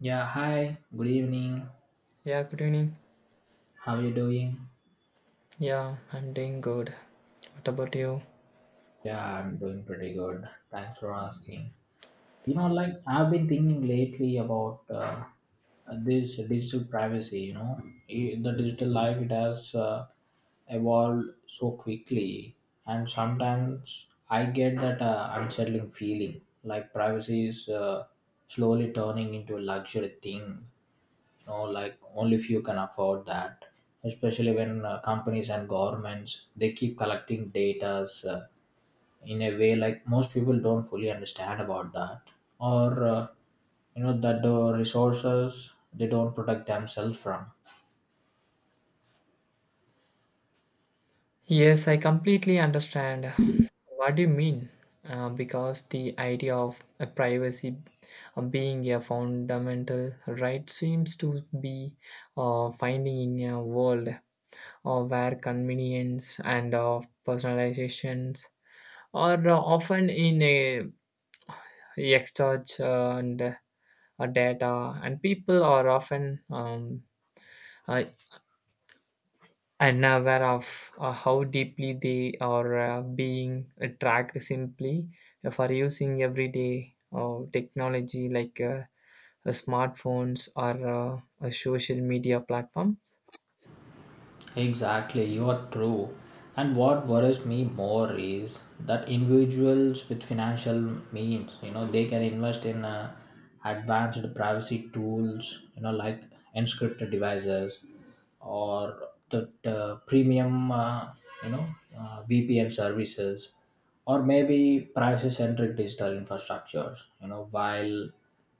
Yeah, hi, good evening. Yeah, good evening. How are you doing? Yeah, I'm doing good. What about you? Yeah, I'm doing pretty good. Thanks for asking. You know, like I've been thinking lately about this digital privacy, you know. The digital life, it has evolved so quickly, and sometimes I get that unsettling feeling like privacy is slowly turning into a luxury thing, you know, like only few can afford that, especially when companies and governments, they keep collecting data uh, in a way like most people don't fully understand about that, or you know, that the resources, they don't protect themselves from. Yes, I completely understand what do you mean. Because the idea of a privacy being a fundamental right seems to be finding in a world where convenience and personalizations are often in a exchange and data, and people are often uh, and aware of how deeply they are being tracked simply for using everyday technology like smartphones or social media platforms. Exactly, you are true. And what worries me more is that individuals with financial means, you know, they can invest in advanced privacy tools, you know, like encrypted devices, or the premium, you know, VPN services, or maybe privacy centric digital infrastructures, you know, while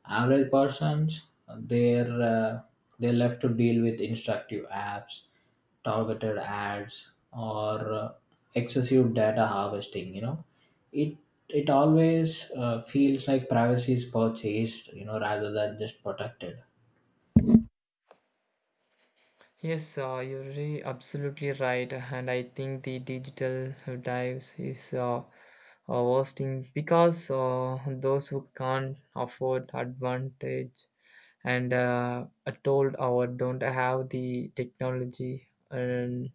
average persons, they're uh, they're left to deal with instructive apps, targeted ads, or excessive data harvesting, you know. It it always feels like privacy is purchased, you know, rather than just protected. Yes, you're really absolutely right, and I think the digital dives is worsting because those who can't afford advantage and are told or don't have the technology and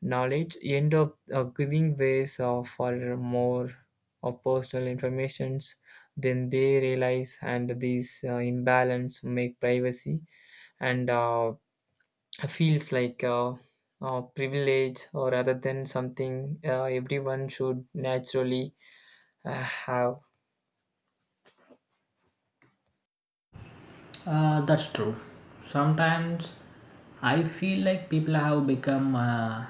knowledge end up giving ways for more of personal informations than they realize and these imbalance make privacy and feels like privilege or rather than something everyone should naturally have. That's true. Sometimes I feel like people have become,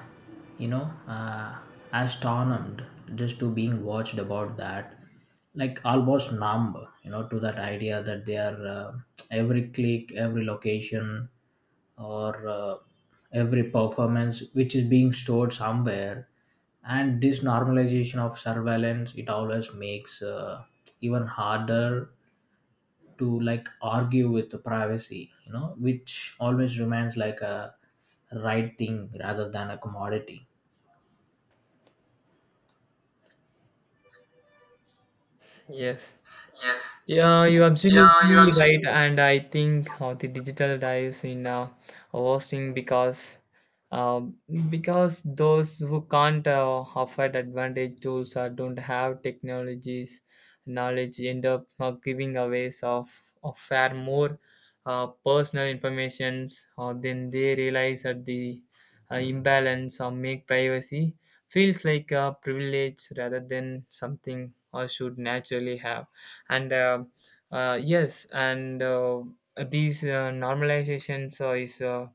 you know, uh, astonished just to being watched about that, like almost numb, you know, to that idea that they are every click, every location, or every performance which is being stored somewhere, and this normalization of surveillance, it always makes even harder to like argue with the privacy, you know, which always remains like a right thing rather than a commodity. Yes. Yes. Yeah, you're Yeah, you absolutely are right, absolutely. and I think how the digital dives in hosting um, because those who can't afford advantage tools or don't have technologies knowledge end up giving away of far more personal informations or then they realize that the imbalance or make privacy feels like a privilege rather than something I should naturally have. And yes, and these normalizations is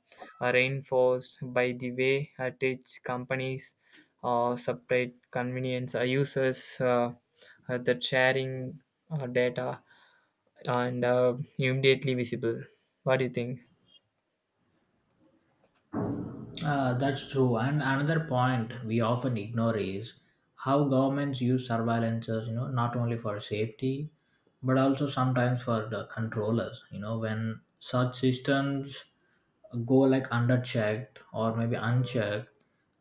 are reinforced by the way at which companies separate convenience users, that sharing data and immediately visible. What do you think? That's true. And another point we often ignore is how governments use surveillances, you know, not only for safety, but also sometimes for the controllers. You know, when such systems go like underchecked or maybe unchecked,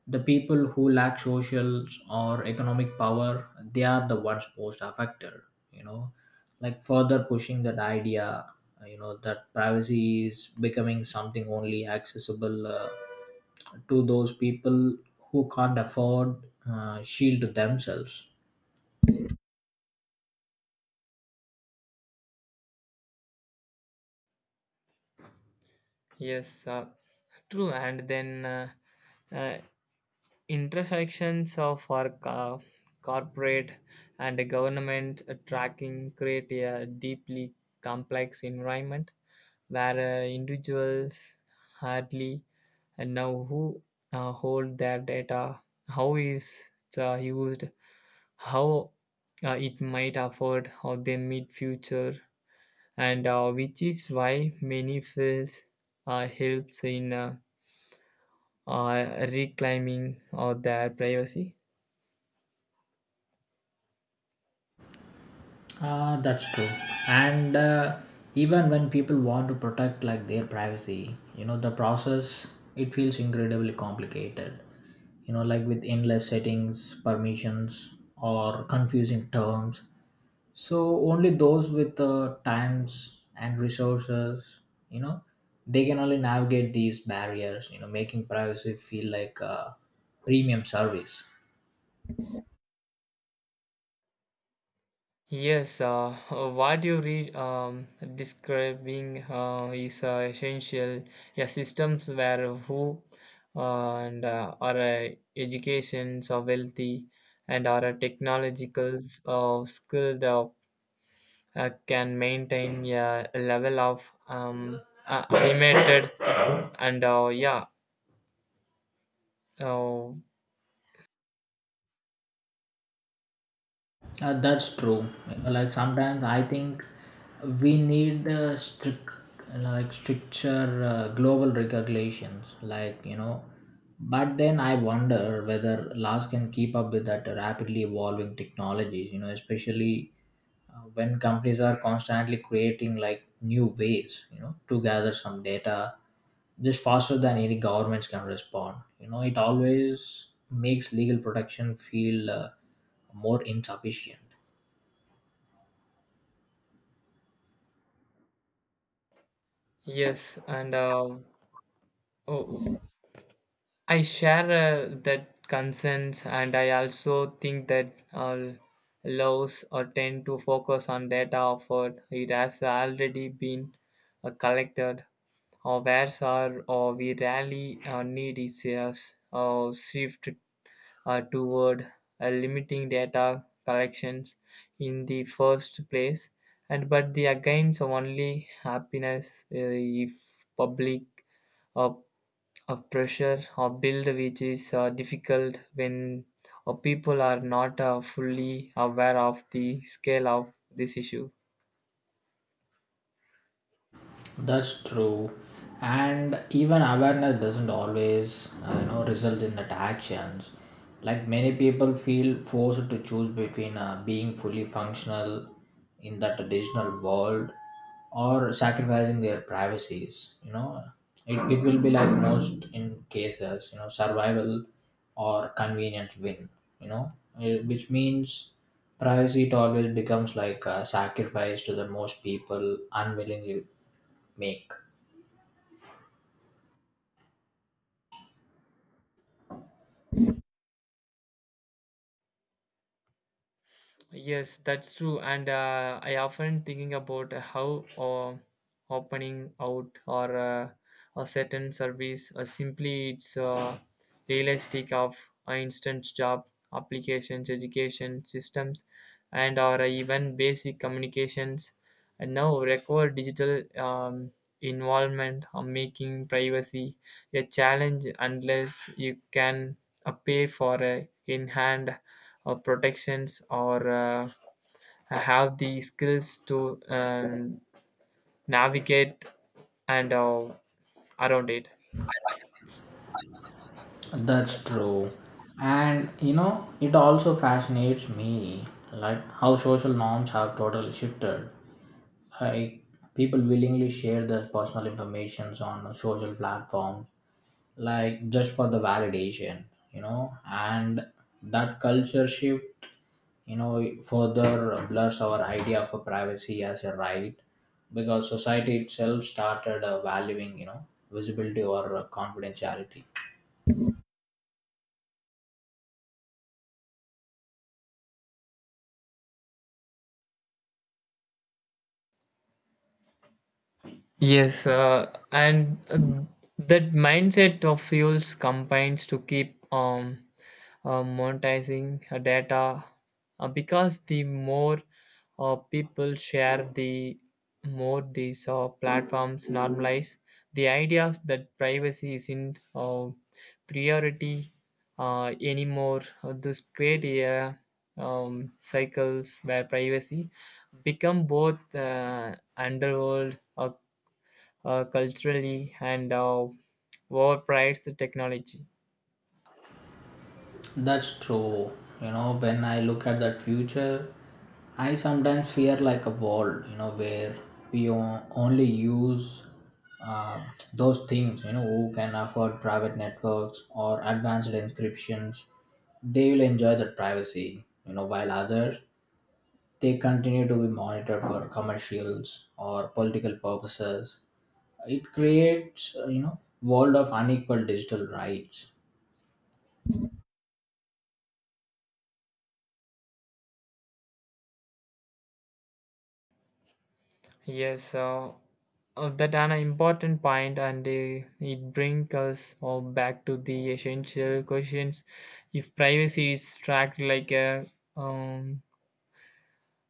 the people who lack social or economic power, they are the ones most affected, you know, like further pushing that idea, you know, that privacy is becoming something only accessible. To those people who can't afford shield themselves. Yes, true. And then uh, intersections of our corporate and government tracking create a deeply complex environment where individuals hardly know who hold their data, how is it used, how it might afford how they meet future, and which is why many fields helps in reclaiming of their privacy. Ah, that's true. And even when people want to protect like their privacy, you know, the process, it feels incredibly complicated. You know, like with endless settings, permissions, or confusing terms. So only those with times and resources, you know, they can only navigate these barriers. You know, making privacy feel like a premium service. Yes, what you read, describing is essential. Yeah, systems where who and our educations are wealthy and our technological skilled can maintain, yeah, a level of animated and, yeah. uh, That's true. Like sometimes I think we need like stricter global regulations. Like, you know, but then I wonder whether laws can keep up with that rapidly evolving technologies. You know, especially when companies are constantly creating like new ways, you know, to gather some data just faster than any governments can respond. You know, it always makes legal protection feel more insufficient. yes, and uh, oh, I share that concerns, and I also think that laws or tend to focus on data offered. It has already been collected, or where's are or we rarely need is shift toward limiting data collections in the first place. And but the against only happiness if public uh, a pressure or build, which is difficult when people are not fully aware of the scale of this issue. That's true. And even awareness doesn't always, you know, result in that actions. Like many people feel forced to choose between being fully functional in that traditional world or sacrificing their privacies. You know, it will be like most in cases, you know, survival or convenience win. You know, which means privacy, it always becomes like a sacrifice to the most people unwillingly make. Yes, that's true. And I often thinking about how opening out or a certain service simply it's realistic of instant job applications, education systems, and or even basic communications. And now require digital involvement or making privacy a challenge unless you can pay for in hand or protections, or have the skills to navigate and around it. That's true. And you know, it also fascinates me like how social norms have totally shifted. Like, people willingly share their personal informations on social platforms like just for the validation, you know, and that culture shift, you know, further blurs our idea of a privacy as a right, because society itself started valuing, you know, visibility or confidentiality. Yes, and that mindset of fuels combines to keep monetizing data because the more people share, the more these platforms normalize the ideas that privacy isn't priority anymore. This create a cycles where privacy become both underworld or culturally and overprice the technology. That's true. You know, when I look at that future, I sometimes fear like a world, you know, where we only use uh, those things, you know, who can afford private networks or advanced encryptions, they will enjoy that privacy, you know, while others, they continue to be monitored for commercials or political purposes. It creates, you know, world of unequal digital rights. Yes, that an important point, and it brings us all back to the essential questions. If privacy is tracked like a, um,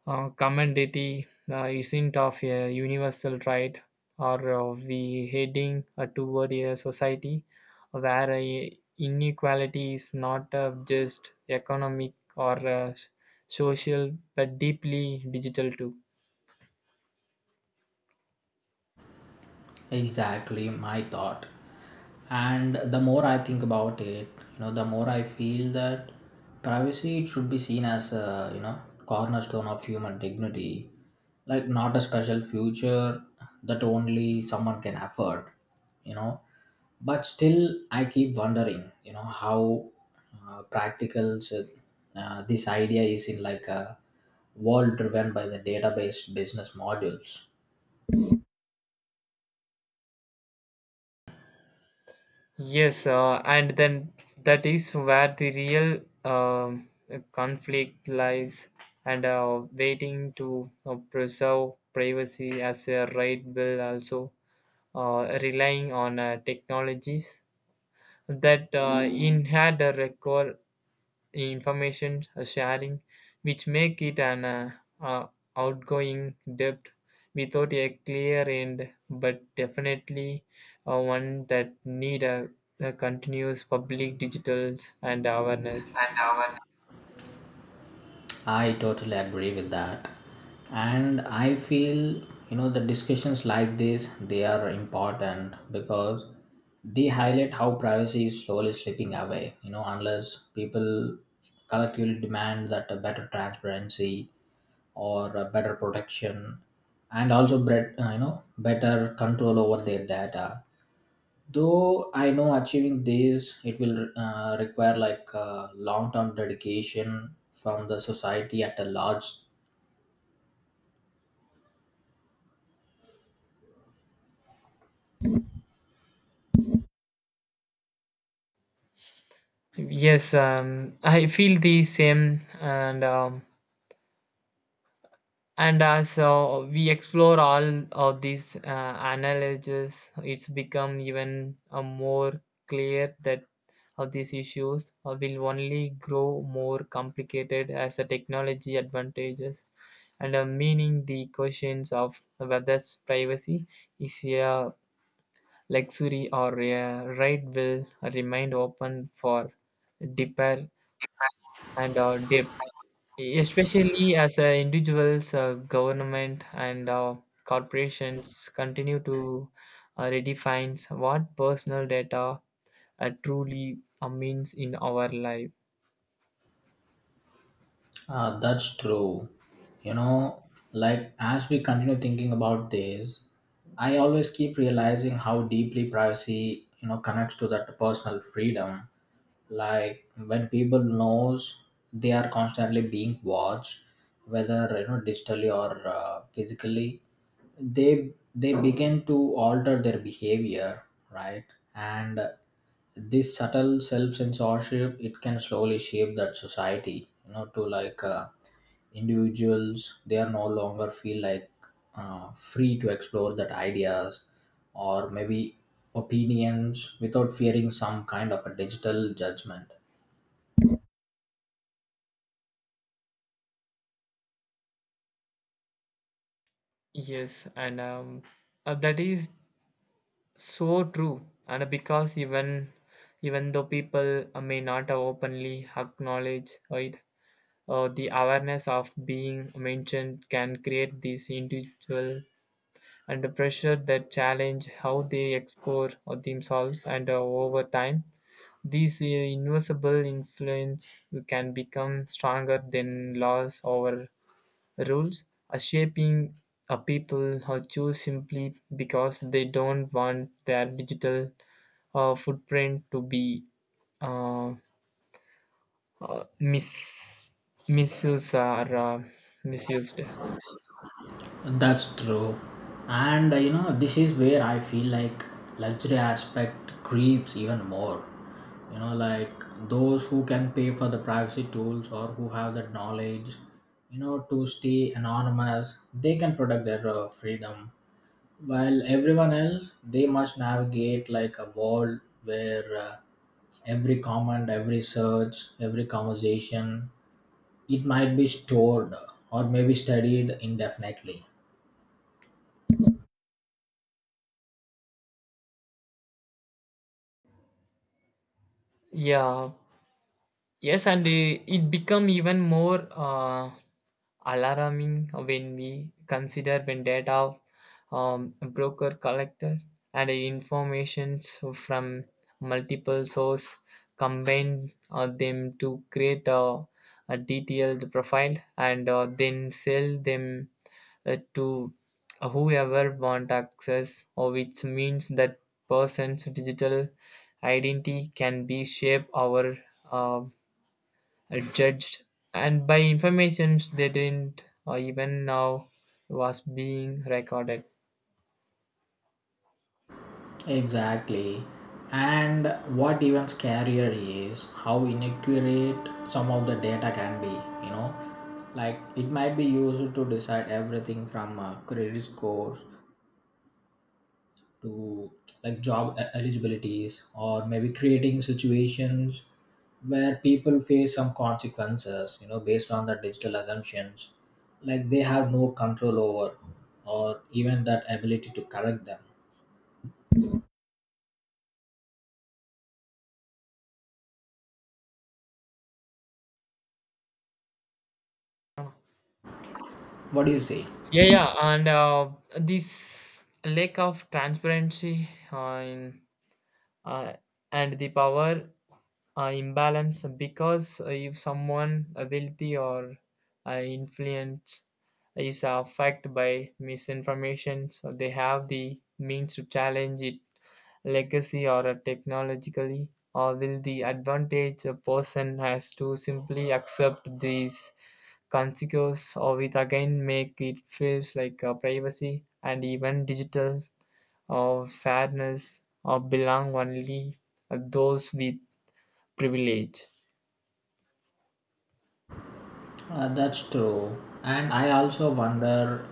Commodity isn't of a universal right, or we heading toward a society where inequality is not just economic or social, but deeply digital too. Exactly my thought. And the more I think about it, you know, the more I feel that privacy, it should be seen as a, you know, cornerstone of human dignity, like not a special feature that only someone can afford, you know. But still, I keep wondering, you know, how practical this idea is in like a world driven by the database business models. Yes, and then that is where the real um, conflict lies, and waiting to preserve privacy as a right will also relying on technologies that inherit a record information sharing, which make it an uh, outgoing debt without a clear end, but definitely one that need a continuous public digitals and awareness. And our I totally agree with that. And I feel, you know, the discussions like this, they are important because they highlight how privacy is slowly slipping away, you know, unless people collectively demand that a better transparency or a better protection, and also you know, better control over their data, though I know achieving this, it will require like long term dedication from the society at a large. Yes, I feel the same, and as so we explore all of these analogies, it's become even more clear that of these issues will only grow more complicated as the technology advantages, and meaning the questions of whether privacy is a luxury or a right will remain open for deeper and depth, especially as individuals, government, and corporations continue to redefine what personal data truly means in our life. That's true. You know, like as we continue thinking about this, I always keep realizing how deeply privacy, you know, connects to that personal freedom. Like when people knows they are constantly being watched, whether you know digitally or physically, they begin to alter their behavior, right? And this subtle self-censorship, it can slowly shape that society, you know, to like individuals, they are no longer feel like free to explore that ideas or maybe opinions without fearing some kind of a digital judgment. Yes, and that is so true. And because even though people may not openly acknowledge it, the awareness of being mentioned can create this individual under pressure that challenge how they explore themselves, and over time these invisible influence can become stronger than laws or rules, shaping a people who choose simply because they don't want their digital footprint to be uh, uh, mis- misused or misused. That's true. And you know, this is where I feel like luxury aspect creeps even more. You know, like those who can pay for the privacy tools or who have that knowledge, you know, to stay anonymous, they can protect their freedom. While everyone else, they must navigate like a world where every comment, every search, every conversation, it might be stored or maybe studied indefinitely. Yeah. Yes, and it become even more alarming when we consider when data, broker collector and informations from multiple source, combine them to create a detailed profile and then sell them to whoever want access, or which means that person's digital identity can be shape our uh, judged, and by informations they didn't even know was being recorded. Exactly. And what even scarier is how inaccurate some of the data can be, you know. Like it might be used to decide everything from credit scores to like job eligibilities or maybe creating situations where people face some consequences, you know, based on the digital assumptions like they have no control over or even that ability to correct them. What do you say? Yeah, and this lack of transparency uh, and the power imbalance, because if someone wealthy or influence is affected by misinformation, so they have the means to challenge it legacy or technologically, or will the advantage a person has to simply accept these consequences, or it again make it feels like privacy and even digital or fairness or belong only those with privilege. That's true. And I also wonder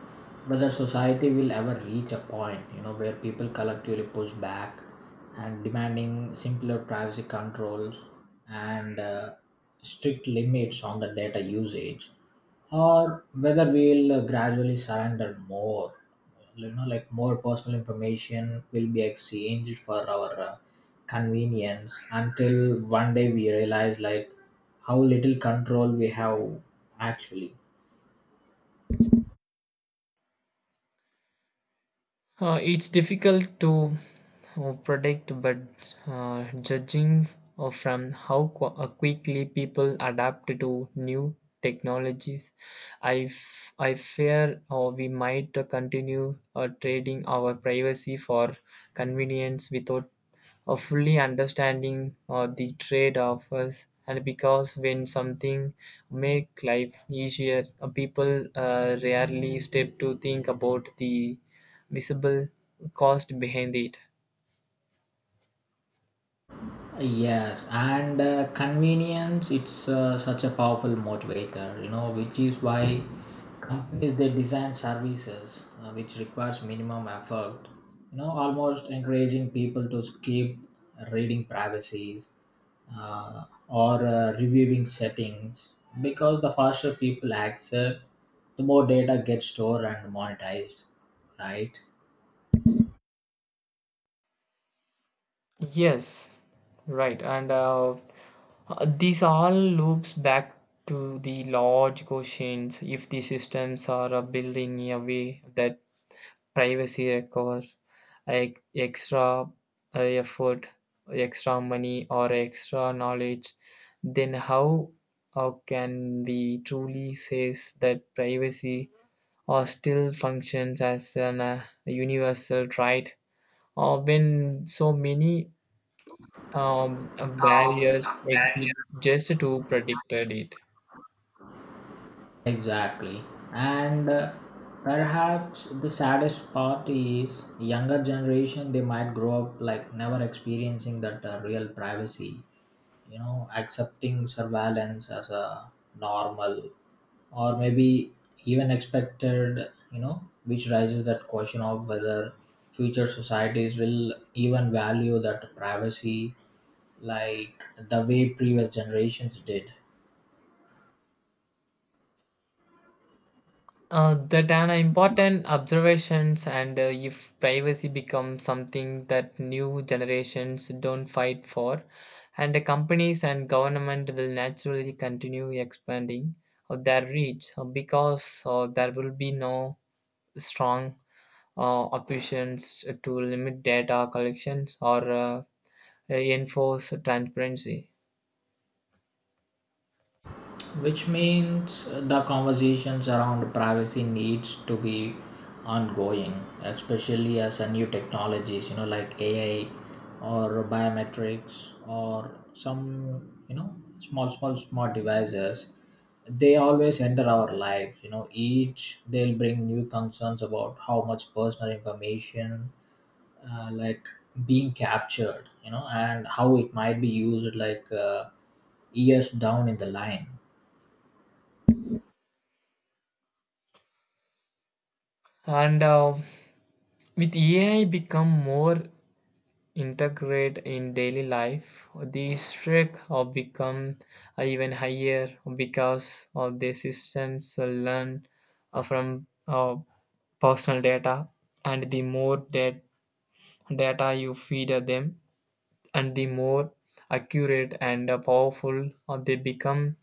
whether society will ever reach a point, you know, where people collectively push back and demanding simpler privacy controls and strict limits on the data usage, or whether we'll gradually surrender more. You know, like more personal information will be exchanged for our convenience until one day we realize like how little control we have actually. It's difficult to predict, but judging from how quickly people adapt to new technologies, I fear we might continue trading our privacy for convenience without of fully understanding the trade offs, and because when something make life easier people rarely step to think about the visible cost behind it. Yes, and convenience, it's such a powerful motivator, you know, which is why companies, they design services which requires minimum effort, you know, almost encouraging people to skip reading privacies or reviewing settings, because the faster people access, the more data gets stored and monetized, right? Yes, right. And this all loops back to the large questions, if the systems are building in a way that privacy requires like extra effort, extra money, or extra knowledge, then how can we truly say that privacy or still functions as an universal right? Or when so many Um, barriers exist just to predict it. Exactly. And perhaps the saddest part is younger generation, they might grow up like never experiencing that real privacy, you know, accepting surveillance as a normal or maybe even expected, you know, which raises that question of whether future societies will even value that privacy like the way previous generations did. That are important observations, and if privacy becomes something that new generations don't fight for, and the companies and government will naturally continue expanding of their reach because there will be no strong options to limit data collections or enforce transparency. Which means the conversations around privacy needs to be ongoing, especially as a new technologies, you know, like AI or biometrics or some, you know, smart devices. They always enter our lives, you know, each they'll bring new concerns about how much personal information like being captured, you know, and how it might be used like years down in the line. And with AI become more integrated in daily life, the strength have become even higher because of the systems learn from personal data, and the more that data you feed them, and the more accurate and powerful they become.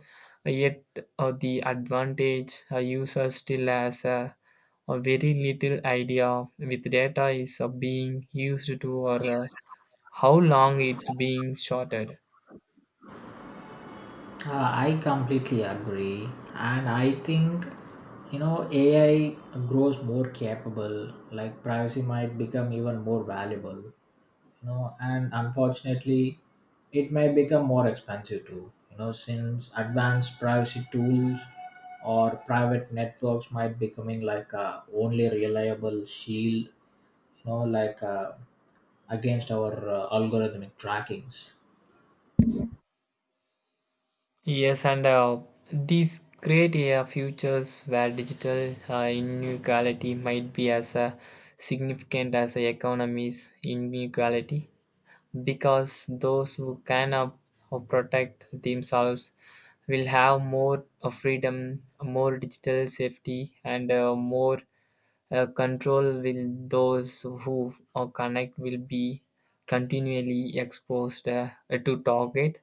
Yet, the advantage a user still has a very little idea with data is being used to, or how long it's being shorted. I completely agree, and I think you know AI grows more capable. Like privacy might become even more valuable, you know, and unfortunately, it may become more expensive too. You know, since advanced privacy tools or private networks might becoming like a only reliable shield. You know, like against our algorithmic trackings. Yes, and these create a futures where digital inequality might be as significant as the economy's inequality, because those who can up, or protect themselves, will have more freedom, more digital safety, and more control. Will those who are connect will be continually exposed to target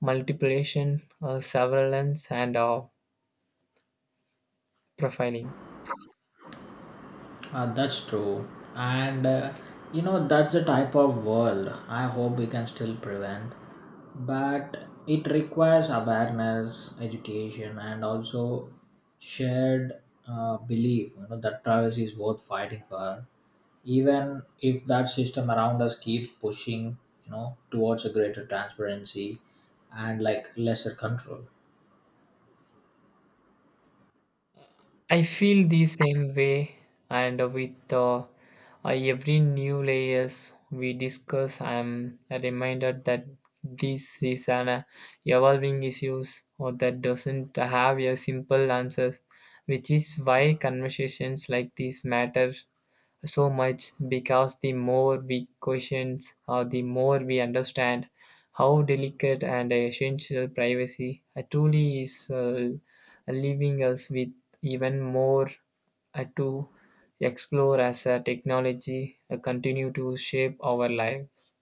multiplication, surveillance, and profiling. That's true. And you know, that's the type of world I hope we can still prevent. But it requires awareness, education, and also shared belief, you know, that privacy is worth fighting for. Even if that system around us keeps pushing, you know, towards a greater transparency and like lesser control. I feel the same way, and with every new layers we discuss, I'm reminded that this is an evolving issues or that doesn't have a simple answers, which is why conversations like this matter so much because the more we question, or the more we understand how delicate and essential privacy truly is, leaving us with even more to explore as technology continue to shape our lives.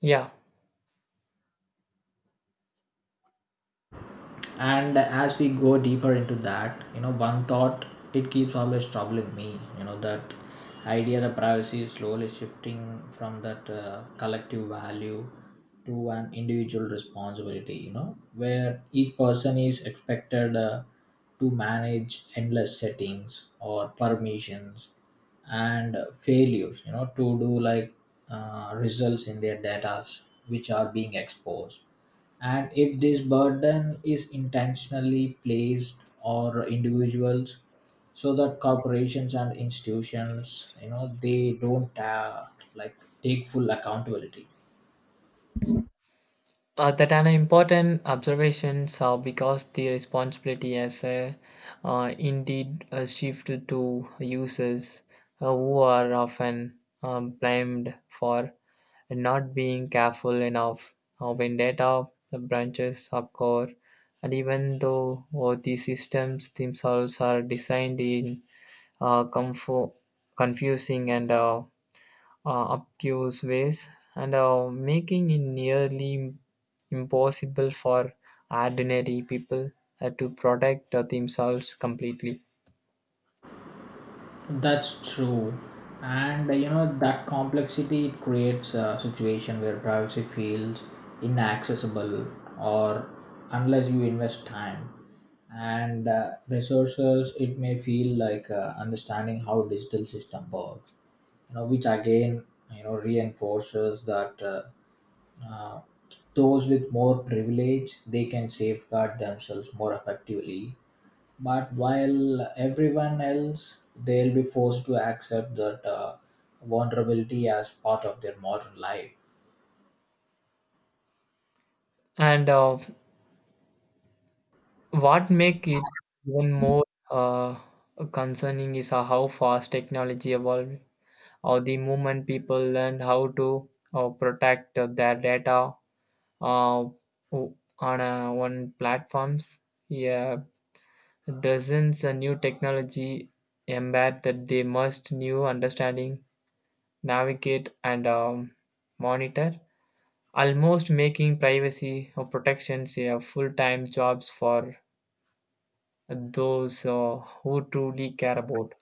Yeah. And as we go deeper into that, you know, one thought, it keeps always troubling me, you know, that idea that privacy is slowly shifting from that collective value to an individual responsibility, you know, where each person is expected to manage endless settings or permissions, and failures, you know, to do like results in their data which are being exposed, and if this burden is intentionally placed or individuals, so that corporations and institutions, you know, they don't like take full accountability. That an important observation, because the responsibility has indeed shifted to users who are often blamed for not being careful enough when data branches occur, and even though the systems themselves are designed in uh, comfo- confusing and obtuse ways, and making it nearly impossible for ordinary people to protect themselves completely. That's true. And you know, that complexity, it creates a situation where privacy feels inaccessible, or unless you invest time and resources, it may feel like understanding how digital system works, you know, which again, you know, reinforces that, uh, those with more privilege, they can safeguard themselves more effectively. But while everyone else, they'll be forced to accept that vulnerability as part of their modern life. And what make it even more uh, concerning is how fast technology evolved, or the moment people learn how to protect their data o- on platforms. Yeah. Doesn't a new technology embed that they must new understanding, navigate and monitor, almost making privacy or protections a full-time jobs for those who truly care about.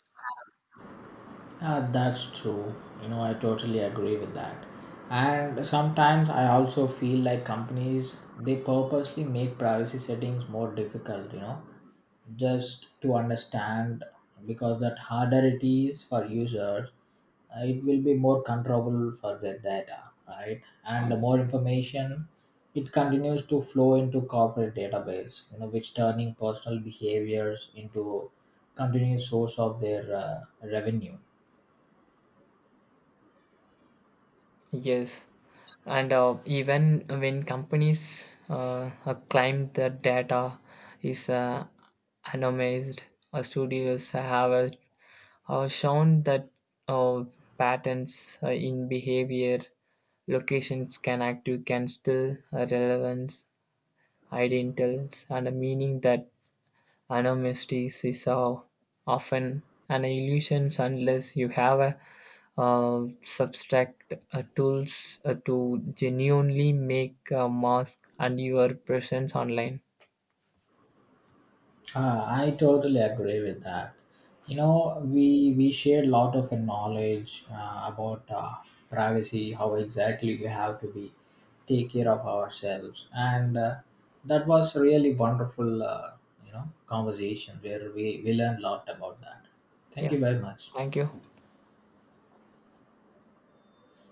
That's true. You know, I totally agree with that. And sometimes I also feel like companies, they purposely make privacy settings more difficult, you know, just to understand, because that harder it is for users, it will be more controllable for their data, right? And the more information it continues to flow into corporate database, you know, which turning personal behaviors into continuous source of their revenue. Yes, and even when companies claim that data is anonymized, studios have a shown that uh, patterns in behavior locations can active can still relevance identals and a meaning that anonymity is often an illusion unless you have a subtract tools to genuinely make a mask and your presence online. Ah, I totally agree with that. You know, we share a lot of knowledge about privacy, how exactly we have to be take care of ourselves, and that was really wonderful. You know, conversation where we learned a lot about that. Thank Yeah, you very much. thank you.